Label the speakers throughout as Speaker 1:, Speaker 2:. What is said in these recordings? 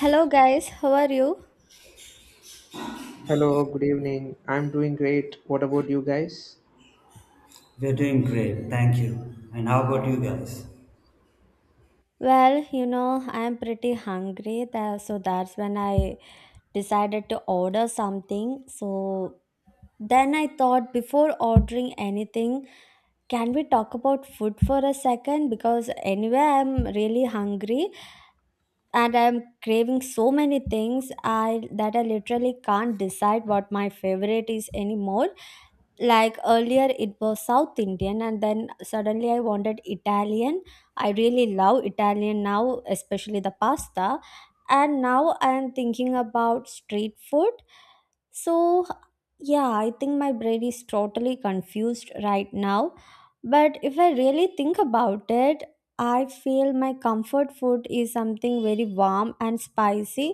Speaker 1: Hello guys, how are you?
Speaker 2: Hello, good evening. I'm doing great. What about you guys?
Speaker 3: We're doing great, thank you. And how about you guys?
Speaker 1: Well, you know, I am pretty hungry, so that's when I decided to order something. So then I thought before ordering anything, can we talk about food for a second? Because anyway, I'm really hungry and I'm craving so many things I that I literally can't decide what my favorite is anymore. Like earlier it was South Indian and then suddenly I wanted Italian. I really love Italian now, especially the pasta. And now I am thinking about street food. so yeah, I think my brain is totally confused right now. But if I really think about it, I feel my comfort food is something very warm and spicy,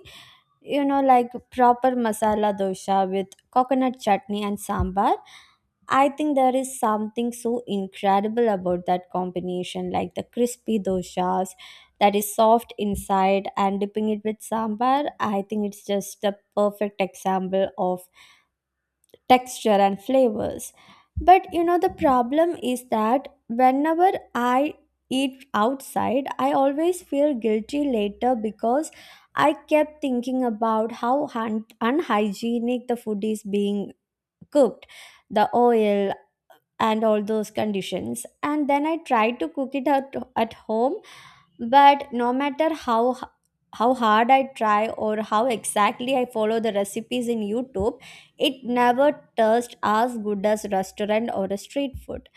Speaker 1: you know, like proper masala dosha with coconut chutney and sambar. I think there is something so incredible about that combination, like the crispy doshas that is soft inside and dipping it with sambar. I think it's just the perfect example of texture and flavors. But you know, the problem is that whenever I eat outside, I always feel guilty later because I kept thinking about how unhygienic the food is being cooked, the oil and all those conditions. And then I tried to cook it at home, but no matter how how hard I try or how exactly I follow the recipes in YouTube, it never tastes as good as restaurant or a street food.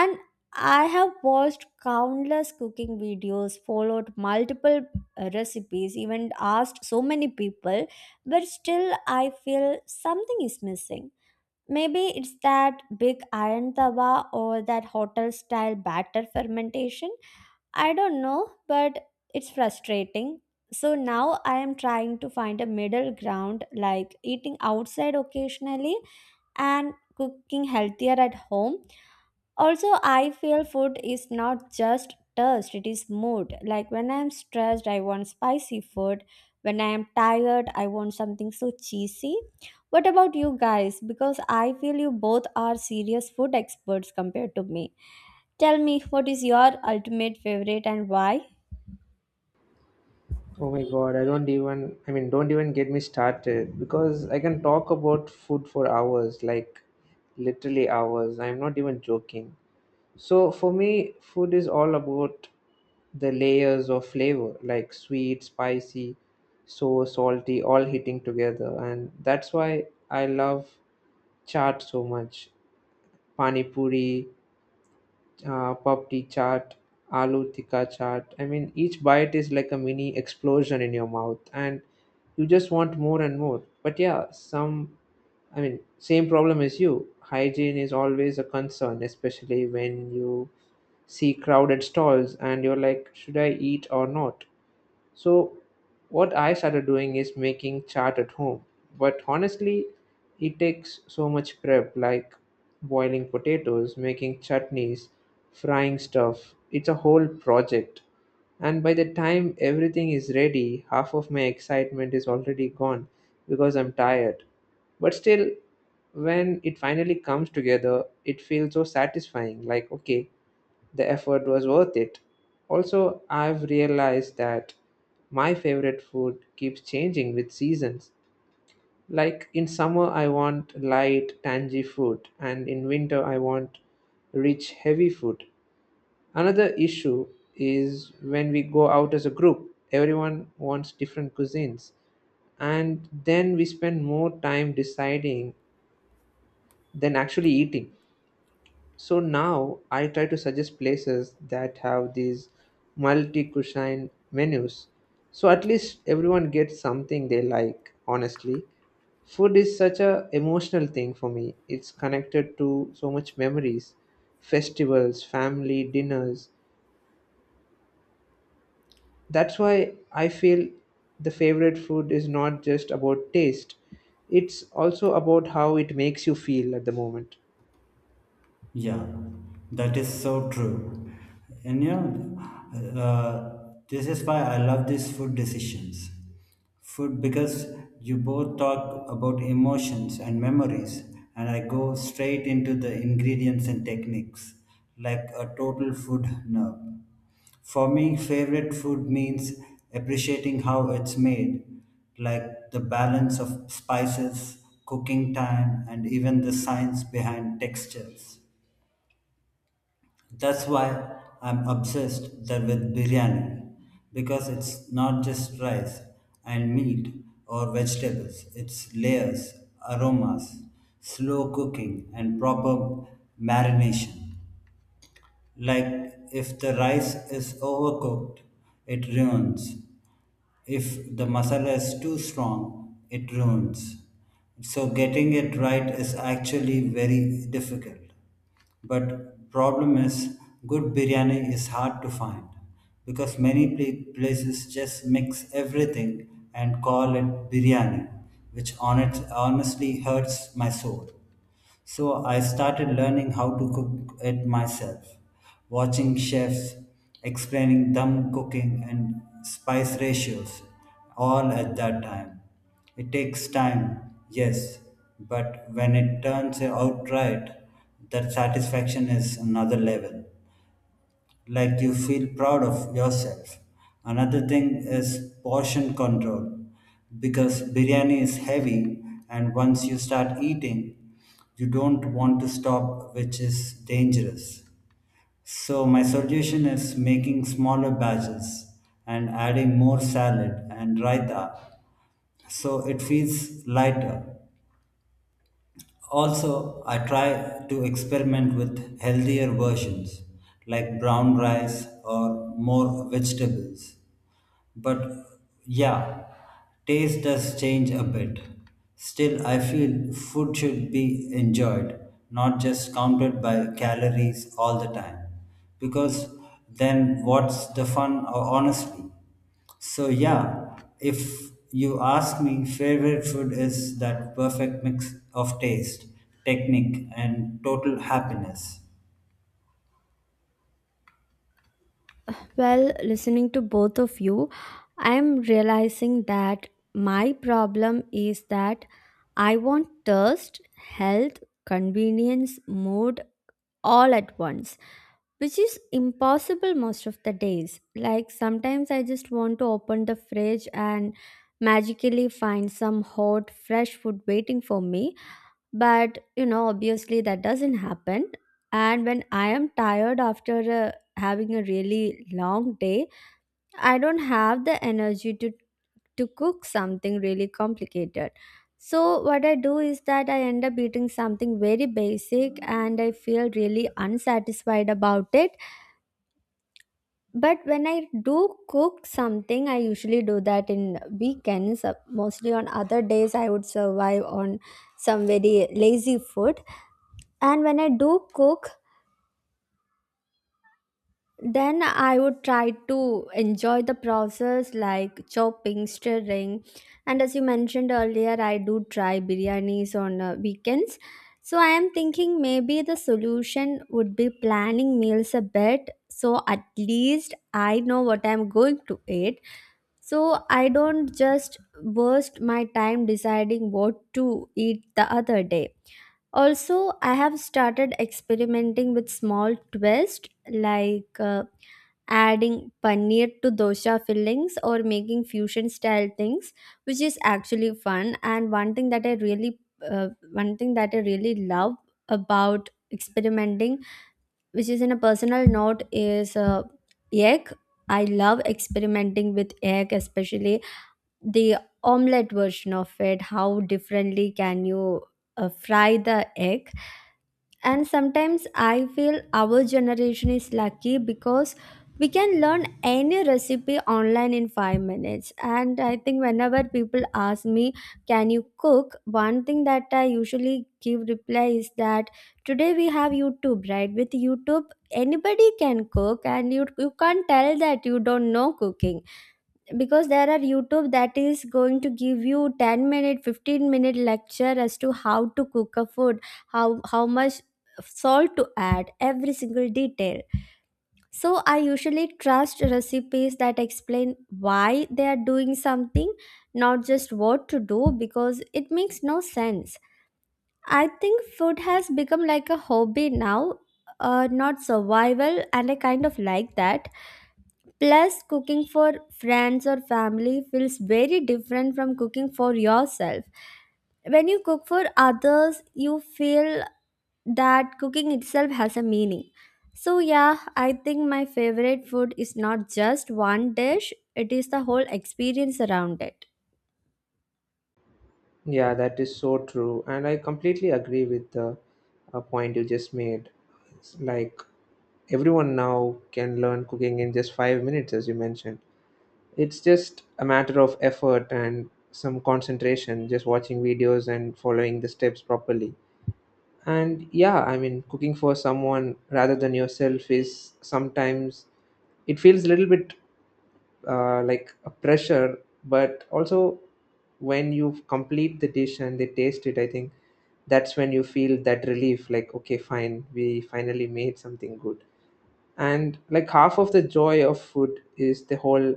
Speaker 1: And I have watched countless cooking videos, followed multiple recipes, even asked so many people, but still I feel something is missing. Maybe it's that big iron tawa or that hotel style batter fermentation. I don't know, but it's frustrating. So now I am trying to find a middle ground, like eating outside occasionally and cooking healthier at home. Also, I feel food is not just taste, it is mood. Like when I'm stressed, I want spicy food. When I am tired, I want something so cheesy. What about you guys? Because I feel you both are serious food experts compared to me. Tell me, what is your ultimate favorite and why?
Speaker 2: Oh my god, I mean don't even get me started because I can talk about food for hours, like literally hours. I'm not even joking. So for me, food is all about the layers of flavor, like sweet, spicy, so salty, all hitting together. And that's why I love chaat so much. Pani puri, papdi chaat, aloo tikka chaat. I mean, each bite is like a mini explosion in your mouth, and you just want more and more. But yeah, I mean, same problem as you. Hygiene is always a concern, especially when you see crowded stalls and you're like, should I eat or not? So, what I started doing is making chart at home. But honestly, it takes so much prep like boiling potatoes, making chutneys, frying stuff. It's a whole project. And by the time everything is ready, half of my excitement is already gone because I'm tired. But still, when it finally comes together, it feels so satisfying like, okay, the effort was worth it. Also, I've realized that my favorite food keeps changing with seasons. Like in summer, I want light, tangy food, and in winter, I want rich, heavy food. Another issue is when we go out as a group, everyone wants different cuisines, and then we spend more time deciding than actually eating. So now I try to suggest places that have these multi cuisine menus. So at least everyone gets something they like, honestly. Food is such a emotional thing for me. It's connected to so much memories, festivals, family, dinners. That's why I feel the favorite food is not just about taste. It's also about how it makes you feel at the moment.
Speaker 3: Yeah, that is so true. And you know, this is why I love these food decisions. Food because you both talk about emotions and memories, and I go straight into the ingredients and techniques like a total food nerd. For me, favorite food means appreciating how it's made, like the balance of spices, cooking time, and even the science behind textures. That's why I'm obsessed there with biryani because it's not just rice and meat or vegetables. It's layers, aromas, slow cooking and proper marination. Like if the rice is overcooked, it ruins. If the masala is too strong, it ruins. So getting it right is actually very difficult. But problem is good biryani is hard to find because many places just mix everything and call it biryani, which honestly hurts my soul. So I started learning how to cook it myself, watching chefs explaining them cooking and spice ratios all at that time. It takes time, yes, but when it turns out right, that satisfaction is another level like you feel proud of yourself. Another thing is portion control because biryani is heavy and once you start eating, you don't want to stop, which is dangerous. So, my solution is making smaller batches and adding more salad and raita so it feels lighter. Also, I try to experiment with healthier versions like brown rice or more vegetables. But yeah, taste does change a bit. Still, I feel food should be enjoyed, not just counted by calories all the time. Because then what's the fun, honestly? So yeah, if you ask me, favorite food is that perfect mix of taste, technique, and total happiness.
Speaker 1: Well, listening to both of you, I'm realizing that my problem is that I want thirst, health, convenience, mood, all at once, which is impossible most of the days. Like sometimes I just want to open the fridge and magically find some hot, fresh food waiting for me, but you know, obviously that doesn't happen. And when I am tired after having a really long day, I don't have the energy to cook something really complicated. So, what I do is that I end up eating something very basic and I feel really unsatisfied about it. But when I do cook something, I usually do that in weekends. Mostly on other days, I would survive on some very lazy food. And when I do cook, then I would try to enjoy the process, like chopping, stirring. And as you mentioned earlier, I do try biryanis on weekends. So I am thinking maybe the solution would be planning meals a bit, so at least I know what I'm going to eat, so I don't just waste my time deciding what to eat the other day. Also, I have started experimenting with small twists, like adding paneer to dosa fillings or making fusion style things, which is actually fun. And one thing that I really love about experimenting, which is in a personal note, is egg. I love experimenting with egg, especially the omelette version of it. How differently can you fry the egg? And sometimes I feel our generation is lucky because we can learn any recipe online in 5 minutes. And I think whenever people ask me, can you cook, one thing that I usually give reply is that today we have YouTube, right? With YouTube, anybody can cook, and you can't tell that you don't know cooking, because there are YouTube that is going to give you 10 minute 15-minute lecture as to how to cook a food, how much salt to add, every single detail. So I usually trust recipes that explain why they are doing something, not just what to do, because it makes no sense. I think food has become like a hobby now, not survival, and I kind of like that. Plus, cooking for friends or family feels very different from cooking for yourself. When you cook for others, you feel that cooking itself has a meaning. So, yeah, I think my favorite food is not just one dish, it is the whole experience around it.
Speaker 2: Yeah, that is so true. And I completely agree with the point you just made. It's like everyone now can learn cooking in just 5 minutes, as you mentioned. It's just a matter of effort and some concentration, just watching videos and following the steps properly. And yeah, I mean, cooking for someone rather than yourself is sometimes it feels a little bit like a pressure, but also when you complete the dish and they taste it, I think that's when you feel that relief like, okay, fine, we finally made something good. And like half of the joy of food is the whole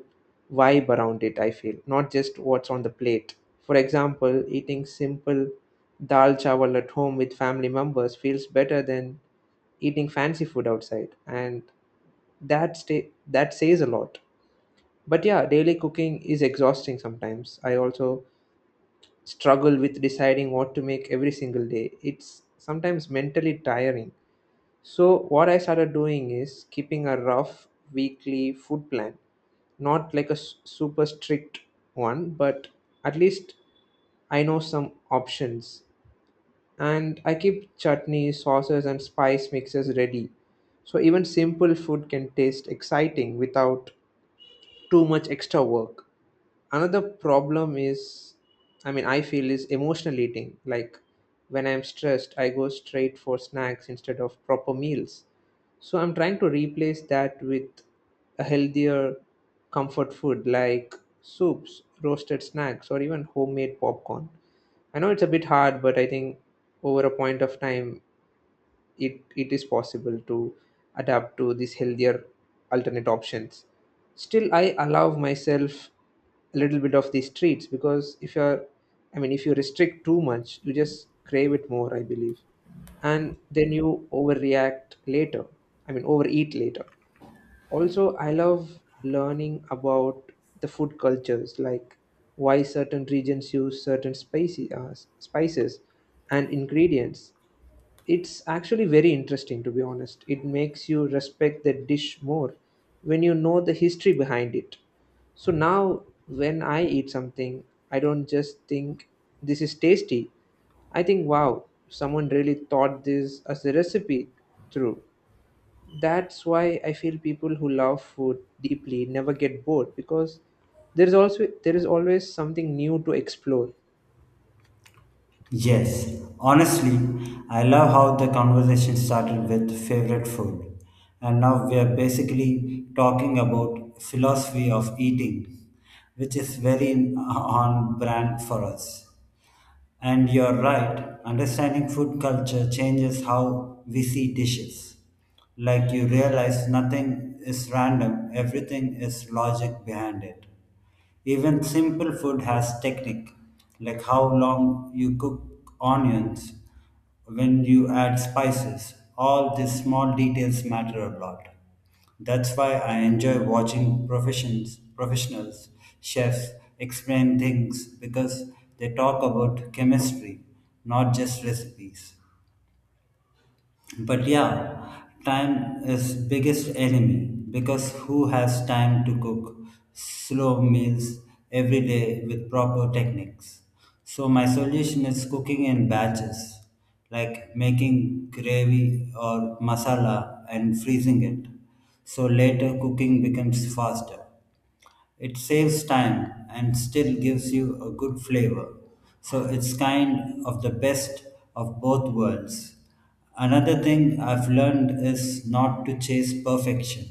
Speaker 2: vibe around it, I feel, not just what's on the plate. For example, eating simple dal chawal at home with family members feels better than eating fancy food outside, and that says a lot. But yeah, daily cooking is exhausting. Sometimes I also struggle with deciding what to make every single day. It's sometimes mentally tiring. So what I started doing is keeping a rough weekly food plan, not like a super strict one, but at least I know some options. And I keep chutneys, sauces, and spice mixes ready, so even simple food can taste exciting without too much extra work. Another problem is, I mean I feel, is emotional eating. Like when I'm stressed, I go straight for snacks instead of proper meals. So I'm trying to replace that with a healthier comfort food like soups, roasted snacks, or even homemade popcorn. I know it's a bit hard, but I think over a point of time, it is possible to adapt to these healthier alternate options. Still, I allow myself a little bit of these treats because if you're I mean if you restrict too much, you just crave it more, I believe, and then you overreact later, I mean overeat later. Also, I love learning about the food cultures, like why certain regions use certain spices and ingredients. It's actually very interesting, to be honest. It makes you respect the dish more when you know the history behind it. So now, when I eat something, I don't just think this is tasty. I think, wow, someone really thought this as a recipe through. That's why I feel people who love food deeply never get bored because there is always something new to explore.
Speaker 3: Yes, honestly, I love how the conversation started with favorite food, and now we are basically talking about philosophy of eating, which is very on brand for us. And you're right, understanding food culture changes how we see dishes. Like you realize nothing is random, everything is logic behind it. Even simple food has technique, like how long you cook onions, when you add spices. All these small details matter a lot. That's why I enjoy watching professionals, chefs explain things because they talk about chemistry, not just recipes. But yeah, time is biggest enemy because who has time to cook slow meals every day with proper techniques? So my solution is cooking in batches, like making gravy or masala and freezing it. So later cooking becomes faster. It saves time and still gives you a good flavor. So it's kind of the best of both worlds. Another thing I've learned is not to chase perfection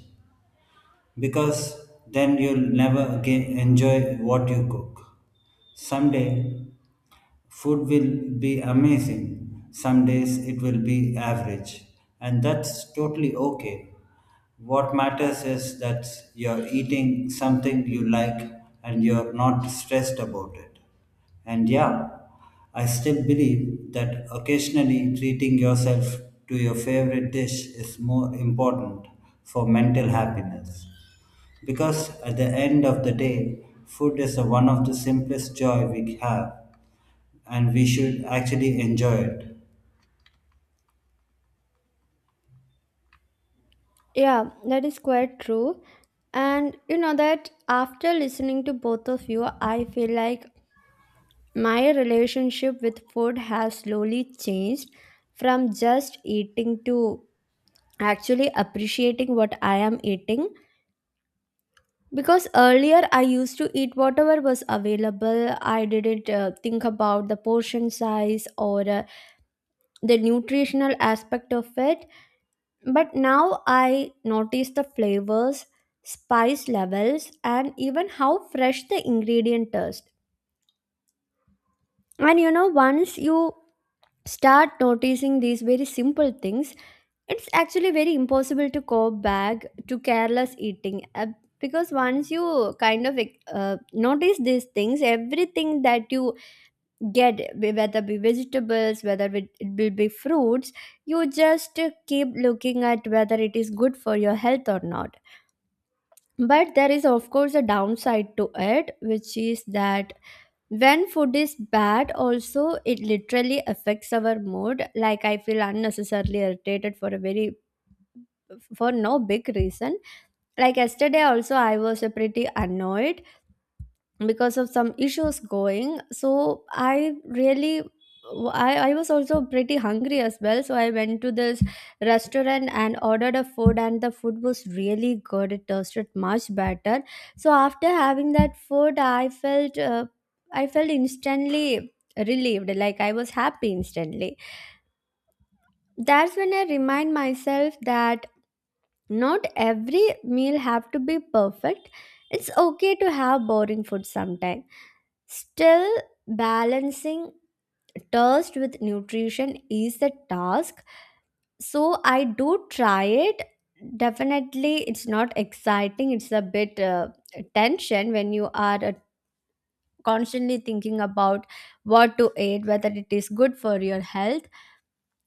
Speaker 3: because then you'll never again enjoy what you cook. Someday food will be amazing, some days it will be average, and that's totally okay. What matters is that you're eating something you like and you're not stressed about it. And yeah, I still believe that occasionally treating yourself to your favorite dish is more important for mental happiness. Because at the end of the day, food is one of the simplest joy we have, and we should actually enjoy it.
Speaker 1: Yeah, that is quite true. And you know that after listening to both of you, I feel like my relationship with food has slowly changed from just eating to actually appreciating what I am eating. Because earlier I used to eat whatever was available, I didn't think about the portion size or the nutritional aspect of it. But now I notice the flavors, spice levels, and even how fresh the ingredient is. And you know, once you start noticing these very simple things, it's actually very impossible to go back to careless eating, because once you kind of like, notice these things, everything that you get, whether be vegetables, whether it will be fruits, you just keep looking at whether it is good for your health or not. But there is of course a downside to it, which is that when food is bad also, it literally affects our mood. Like I feel unnecessarily irritated for a very for no big reason. Like yesterday also I was pretty annoyed because of some issues going. So I really I was also pretty hungry as well, so I went to this restaurant and ordered a food, and the food was really good, it tasted much better. So after having that food, I felt I felt instantly relieved, like I was happy instantly. That's when I remind myself that not every meal have to be perfect. It's okay to have boring food sometimes. Still, balancing thirst with nutrition is a task. So I do try it. Definitely, it's not exciting. It's a bit tension when you are constantly thinking about what to eat, whether it is good for your health.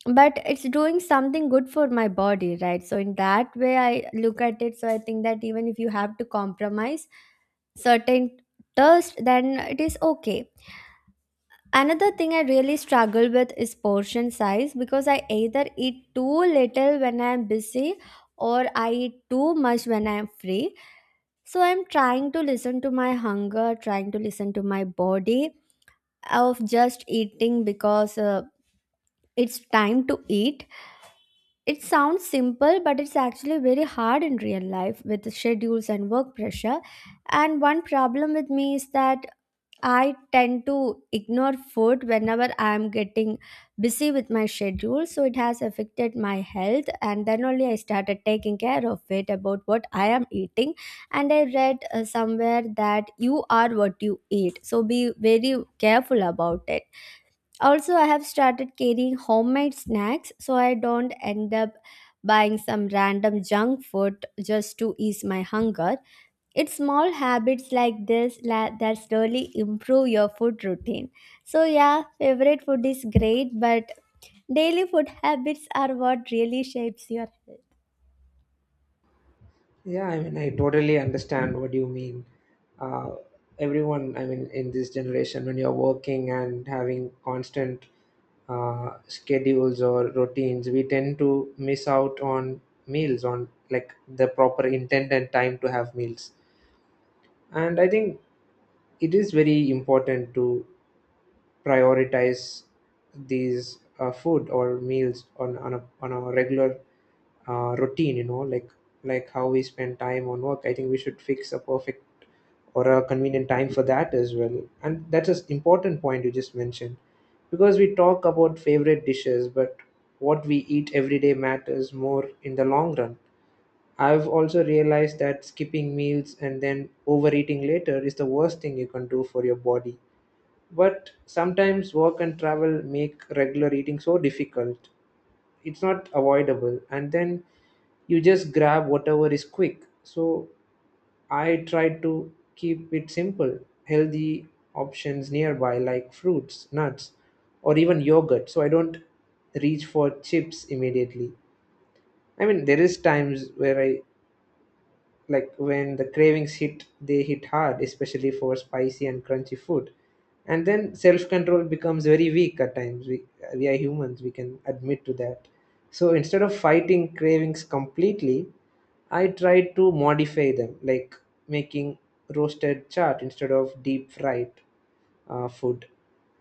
Speaker 1: But it's doing something good for my body, right? So in that way, I look at it. So I think that even if you have to compromise certain thirst, then it is okay. Another thing I really struggle with is portion size, because I either eat too little when I'm busy or I eat too much when I'm free. So I'm trying to listen to my hunger, trying to listen to my body, of just eating because it's time to eat. It sounds simple, but it's actually very hard in real life with schedules and work pressure. And one problem with me is that I tend to ignore food whenever I am getting busy with my schedule. So it has affected my health. And then only I started taking care of it about what I am eating. And I read somewhere that you are what you eat. So be very careful about it. Also, I have started carrying homemade snacks so I don't end up buying some random junk food just to ease my hunger. It's small habits like this that slowly improve your food routine. So, yeah, favorite food is great, but daily food habits are what really shapes your health.
Speaker 2: Yeah, I mean, I totally understand what you mean. Uh, Everyone, I mean, in this generation, when you're working and having constant schedules or routines, we tend to miss out on meals, on like the proper intent and time to have meals. And I think it is very important to prioritize these food or meals on a regular routine, you know, like how we spend time on work. I think we should fix a perfect or a convenient time for that as well. And that's an important point you just mentioned, because we talk about favorite dishes, but what we eat every day matters more in the long run. I've also realized that skipping meals and then overeating later is the worst thing you can do for your body. But sometimes work and travel make regular eating so difficult. It's not avoidable, and then you just grab whatever is quick. So I try to keep it simple, healthy options nearby, like fruits, nuts, or even yogurt, so I don't reach for chips immediately. I mean, there is times where I, like when the cravings hit, they hit hard, especially for spicy and crunchy food. And then self-control becomes very weak at times. We are humans, we can admit to that. So instead of fighting cravings completely, I try to modify them, like making roasted chart instead of deep fried food.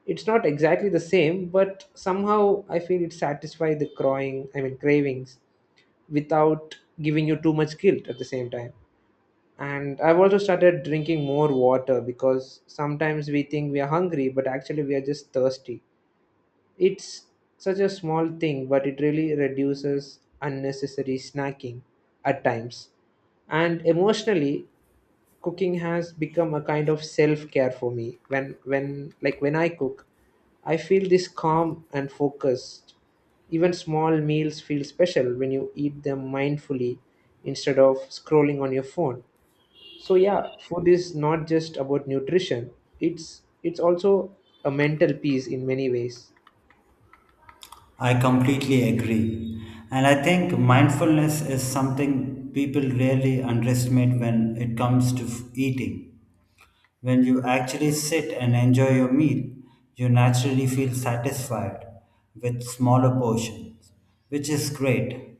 Speaker 2: It's not exactly the same, but somehow I feel it satisfies the crying, I mean cravings, without giving you too much guilt at the same time. And I've also started drinking more water because sometimes we think we are hungry, but actually we are just thirsty. It's such a small thing, but it really reduces unnecessary snacking at times. And emotionally, cooking has become a kind of self care for me. When I cook, I feel this calm and focused. Even small meals feel special when you eat them mindfully instead of scrolling on your phone. So yeah, food is not just about nutrition, it's also a mental piece in many ways.
Speaker 3: I completely agree. And I think mindfulness is something people really underestimate when it comes to eating. When you actually sit and enjoy your meal, you naturally feel satisfied with smaller portions, which is great.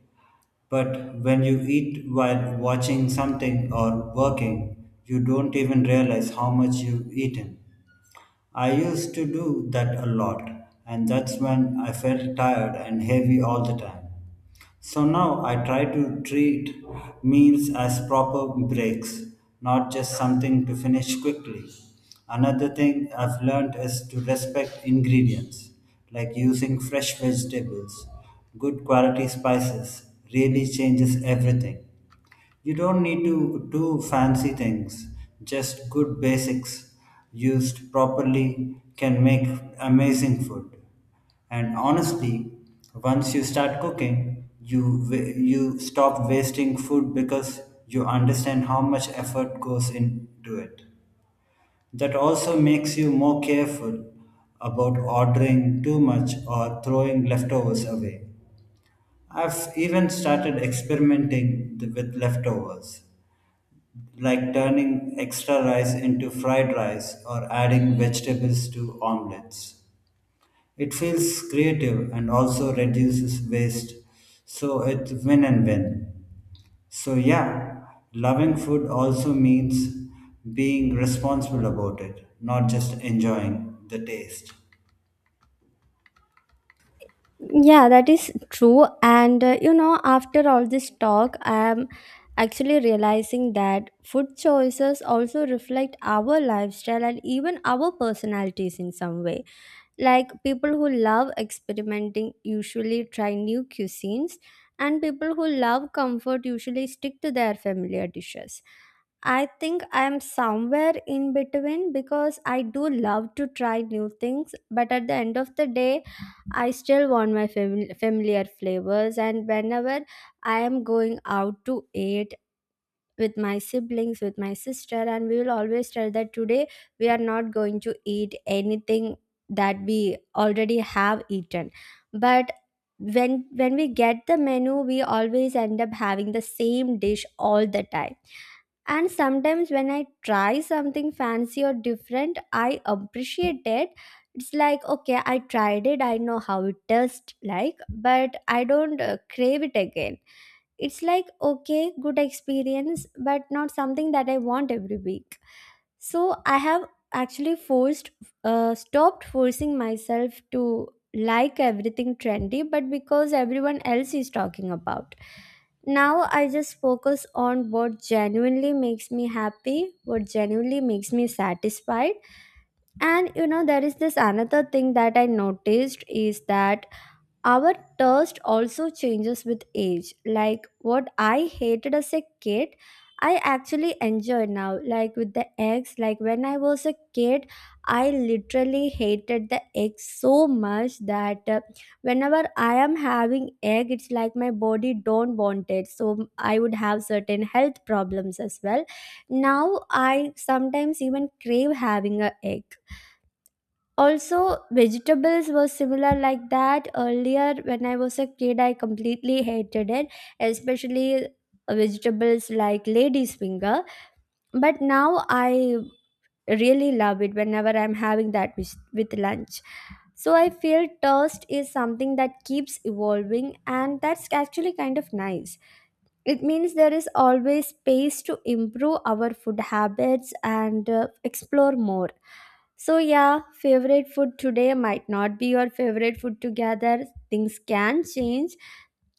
Speaker 3: But when you eat while watching something or working, you don't even realize how much you've eaten. I used to do that a lot, and that's when I felt tired and heavy all the time. So now I try to treat meals as proper breaks, not just something to finish quickly. Another thing I've learned is to respect ingredients, like using fresh vegetables, good quality spices, really changes everything. You don't need to do fancy things, just good basics used properly can make amazing food. And honestly, once you start cooking, you you stop wasting food because you understand how much effort goes into it. That also makes you more careful about ordering too much or throwing leftovers away. I've even started experimenting with leftovers like turning extra rice into fried rice or adding vegetables to omelets. It feels creative and also reduces waste, so it's win and win. So, yeah, loving food also means being responsible about it, not just enjoying the taste.
Speaker 1: Yeah, that is true. And you know, after all this talk, I am actually realizing that food choices also reflect our lifestyle and even our personalities in some way. Like people who love experimenting usually try new cuisines, and people who love comfort usually stick to their familiar dishes. I think I'm somewhere in between because I do love to try new things, but at the end of the day, I still want my familiar flavors. And whenever I am going out to eat with my siblings, with my sister, and we will always tell that today we are not going to eat anything that we already have eaten. But when we get the menu, we always end up having the same dish all the time. And sometimes when I try something fancy or different, I appreciate it. It's like, okay, I tried it, I know how it tastes like, but I don't crave it again. It's like okay, good experience, but not something that I want every week. So I have actually forced stopped forcing myself to like everything trendy but because everyone else is talking about. Now I just focus on what genuinely makes me happy, what genuinely makes me satisfied. And you know, there is this another thing that I noticed is that our taste also changes with age. Like what I hated as a kid, I actually enjoy now. Like with the eggs, like when I was a kid, I literally hated the eggs so much that whenever I am having egg, it's like my body don't want it. So I would have certain health problems as well. Now I sometimes even crave having a egg. Also vegetables were similar like that. Earlier when I was a kid, I completely hated it, especially vegetables like lady's finger. But now I really love it whenever I'm having that with lunch. So I feel toast is something that keeps evolving, and that's actually kind of nice. It means there is always space to improve our food habits and explore more. So, yeah, favorite food today might not be your favorite food together. Things can change,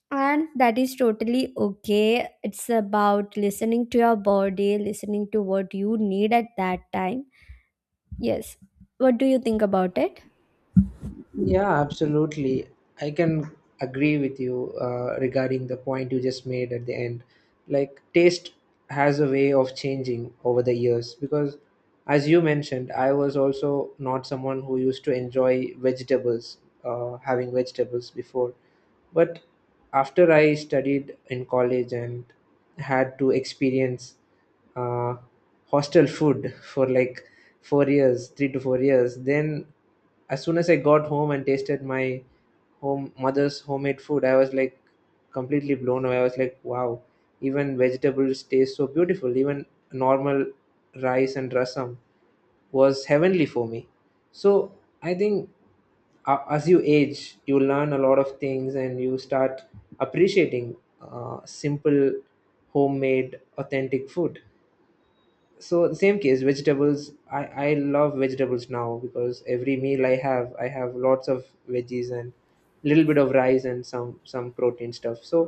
Speaker 1: and that is totally okay. It's about listening to your body, listening to what you need at that time. Yes. What do you think about it?
Speaker 2: Yeah, absolutely. I can agree with you regarding the point you just made at the end. Like taste has a way of changing over the years because, as you mentioned, I was also not someone who used to enjoy vegetables, having vegetables before. But after I studied in college and had to experience uh, hostel food for like 4 years, 3 to 4 years. Then, as soon as I got home and tasted my home mother's homemade food, I was like completely blown away. I was like, wow, even vegetables taste so beautiful. Even normal rice and rasam was heavenly for me. So I think, as you age, you learn a lot of things and you start appreciating simple, homemade, authentic food. So the same case vegetables, I love vegetables now because every meal I have, I have lots of veggies and little bit of rice and some protein stuff. So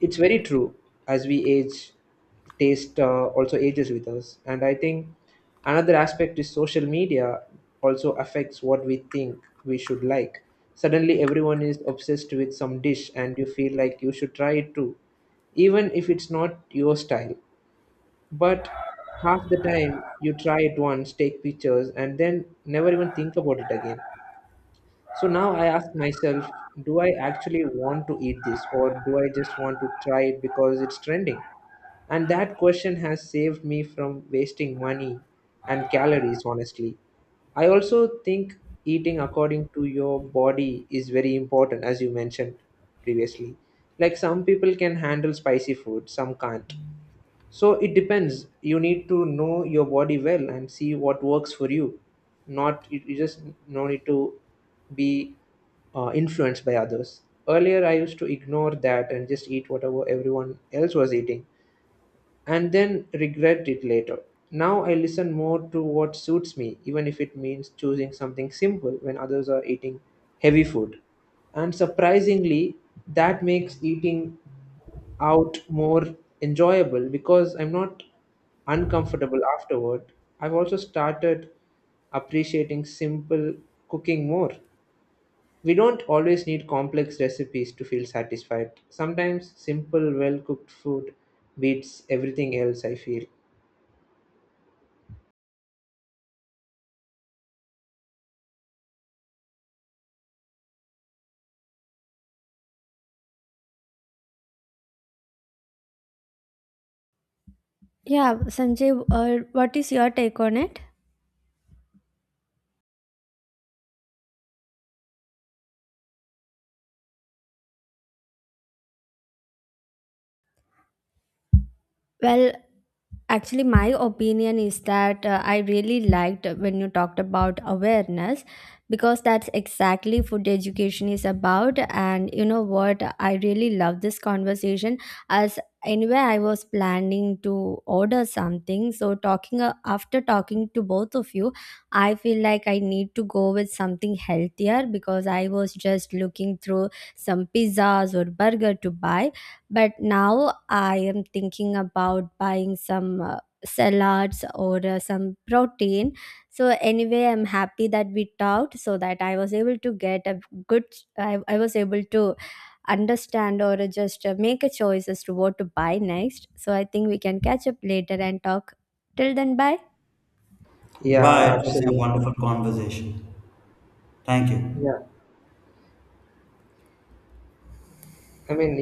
Speaker 2: it's very true, as we age, taste also ages with us. And I think another aspect is social media also affects what we think we should like. Suddenly everyone is obsessed with some dish and you feel like you should try it too, even if it's not your style. But half the time you try it once, take pictures, and then never even think about it again. So now I ask myself, do I actually want to eat this, or do I just want to try it because it's trending? And that question has saved me from wasting money and calories, honestly. I also think eating according to your body is very important, as you mentioned previously. Like some people can handle spicy food, some can't. So it depends. You need to know your body well and see what works for you. Not you, you just no need to be influenced by others. Earlier, I used to ignore that and just eat whatever everyone else was eating, and then regret it later. Now I listen more to what suits me, even if it means choosing something simple when others are eating heavy food. And surprisingly, that makes eating out more enjoyable because I'm not uncomfortable afterward. I've also started appreciating simple cooking more. We don't always need complex recipes to feel satisfied. Sometimes simple, well cooked food beats everything else, I feel.
Speaker 1: Yeah, Sanjay, what is your take on it? Well, actually, my opinion is that I really liked when you talked about awareness, because that's exactly food education is about. And you know what? I really love this conversation. As Anyway, I was planning to order something. So, talking after talking to both of you, I feel like I need to go with something healthier, because I was just looking through some pizzas or burger to buy, but now I am thinking about buying some salads or some protein. So anyway, I'm happy that we talked so that I was able to get a good, I was able to understand or just make a choice as to what to buy next. So I think we can catch up later and talk. Till then, bye.
Speaker 2: Yeah,
Speaker 3: Bye, it was a
Speaker 2: absolutely.
Speaker 3: wonderful conversation. Thank you.
Speaker 2: Yeah. I mean,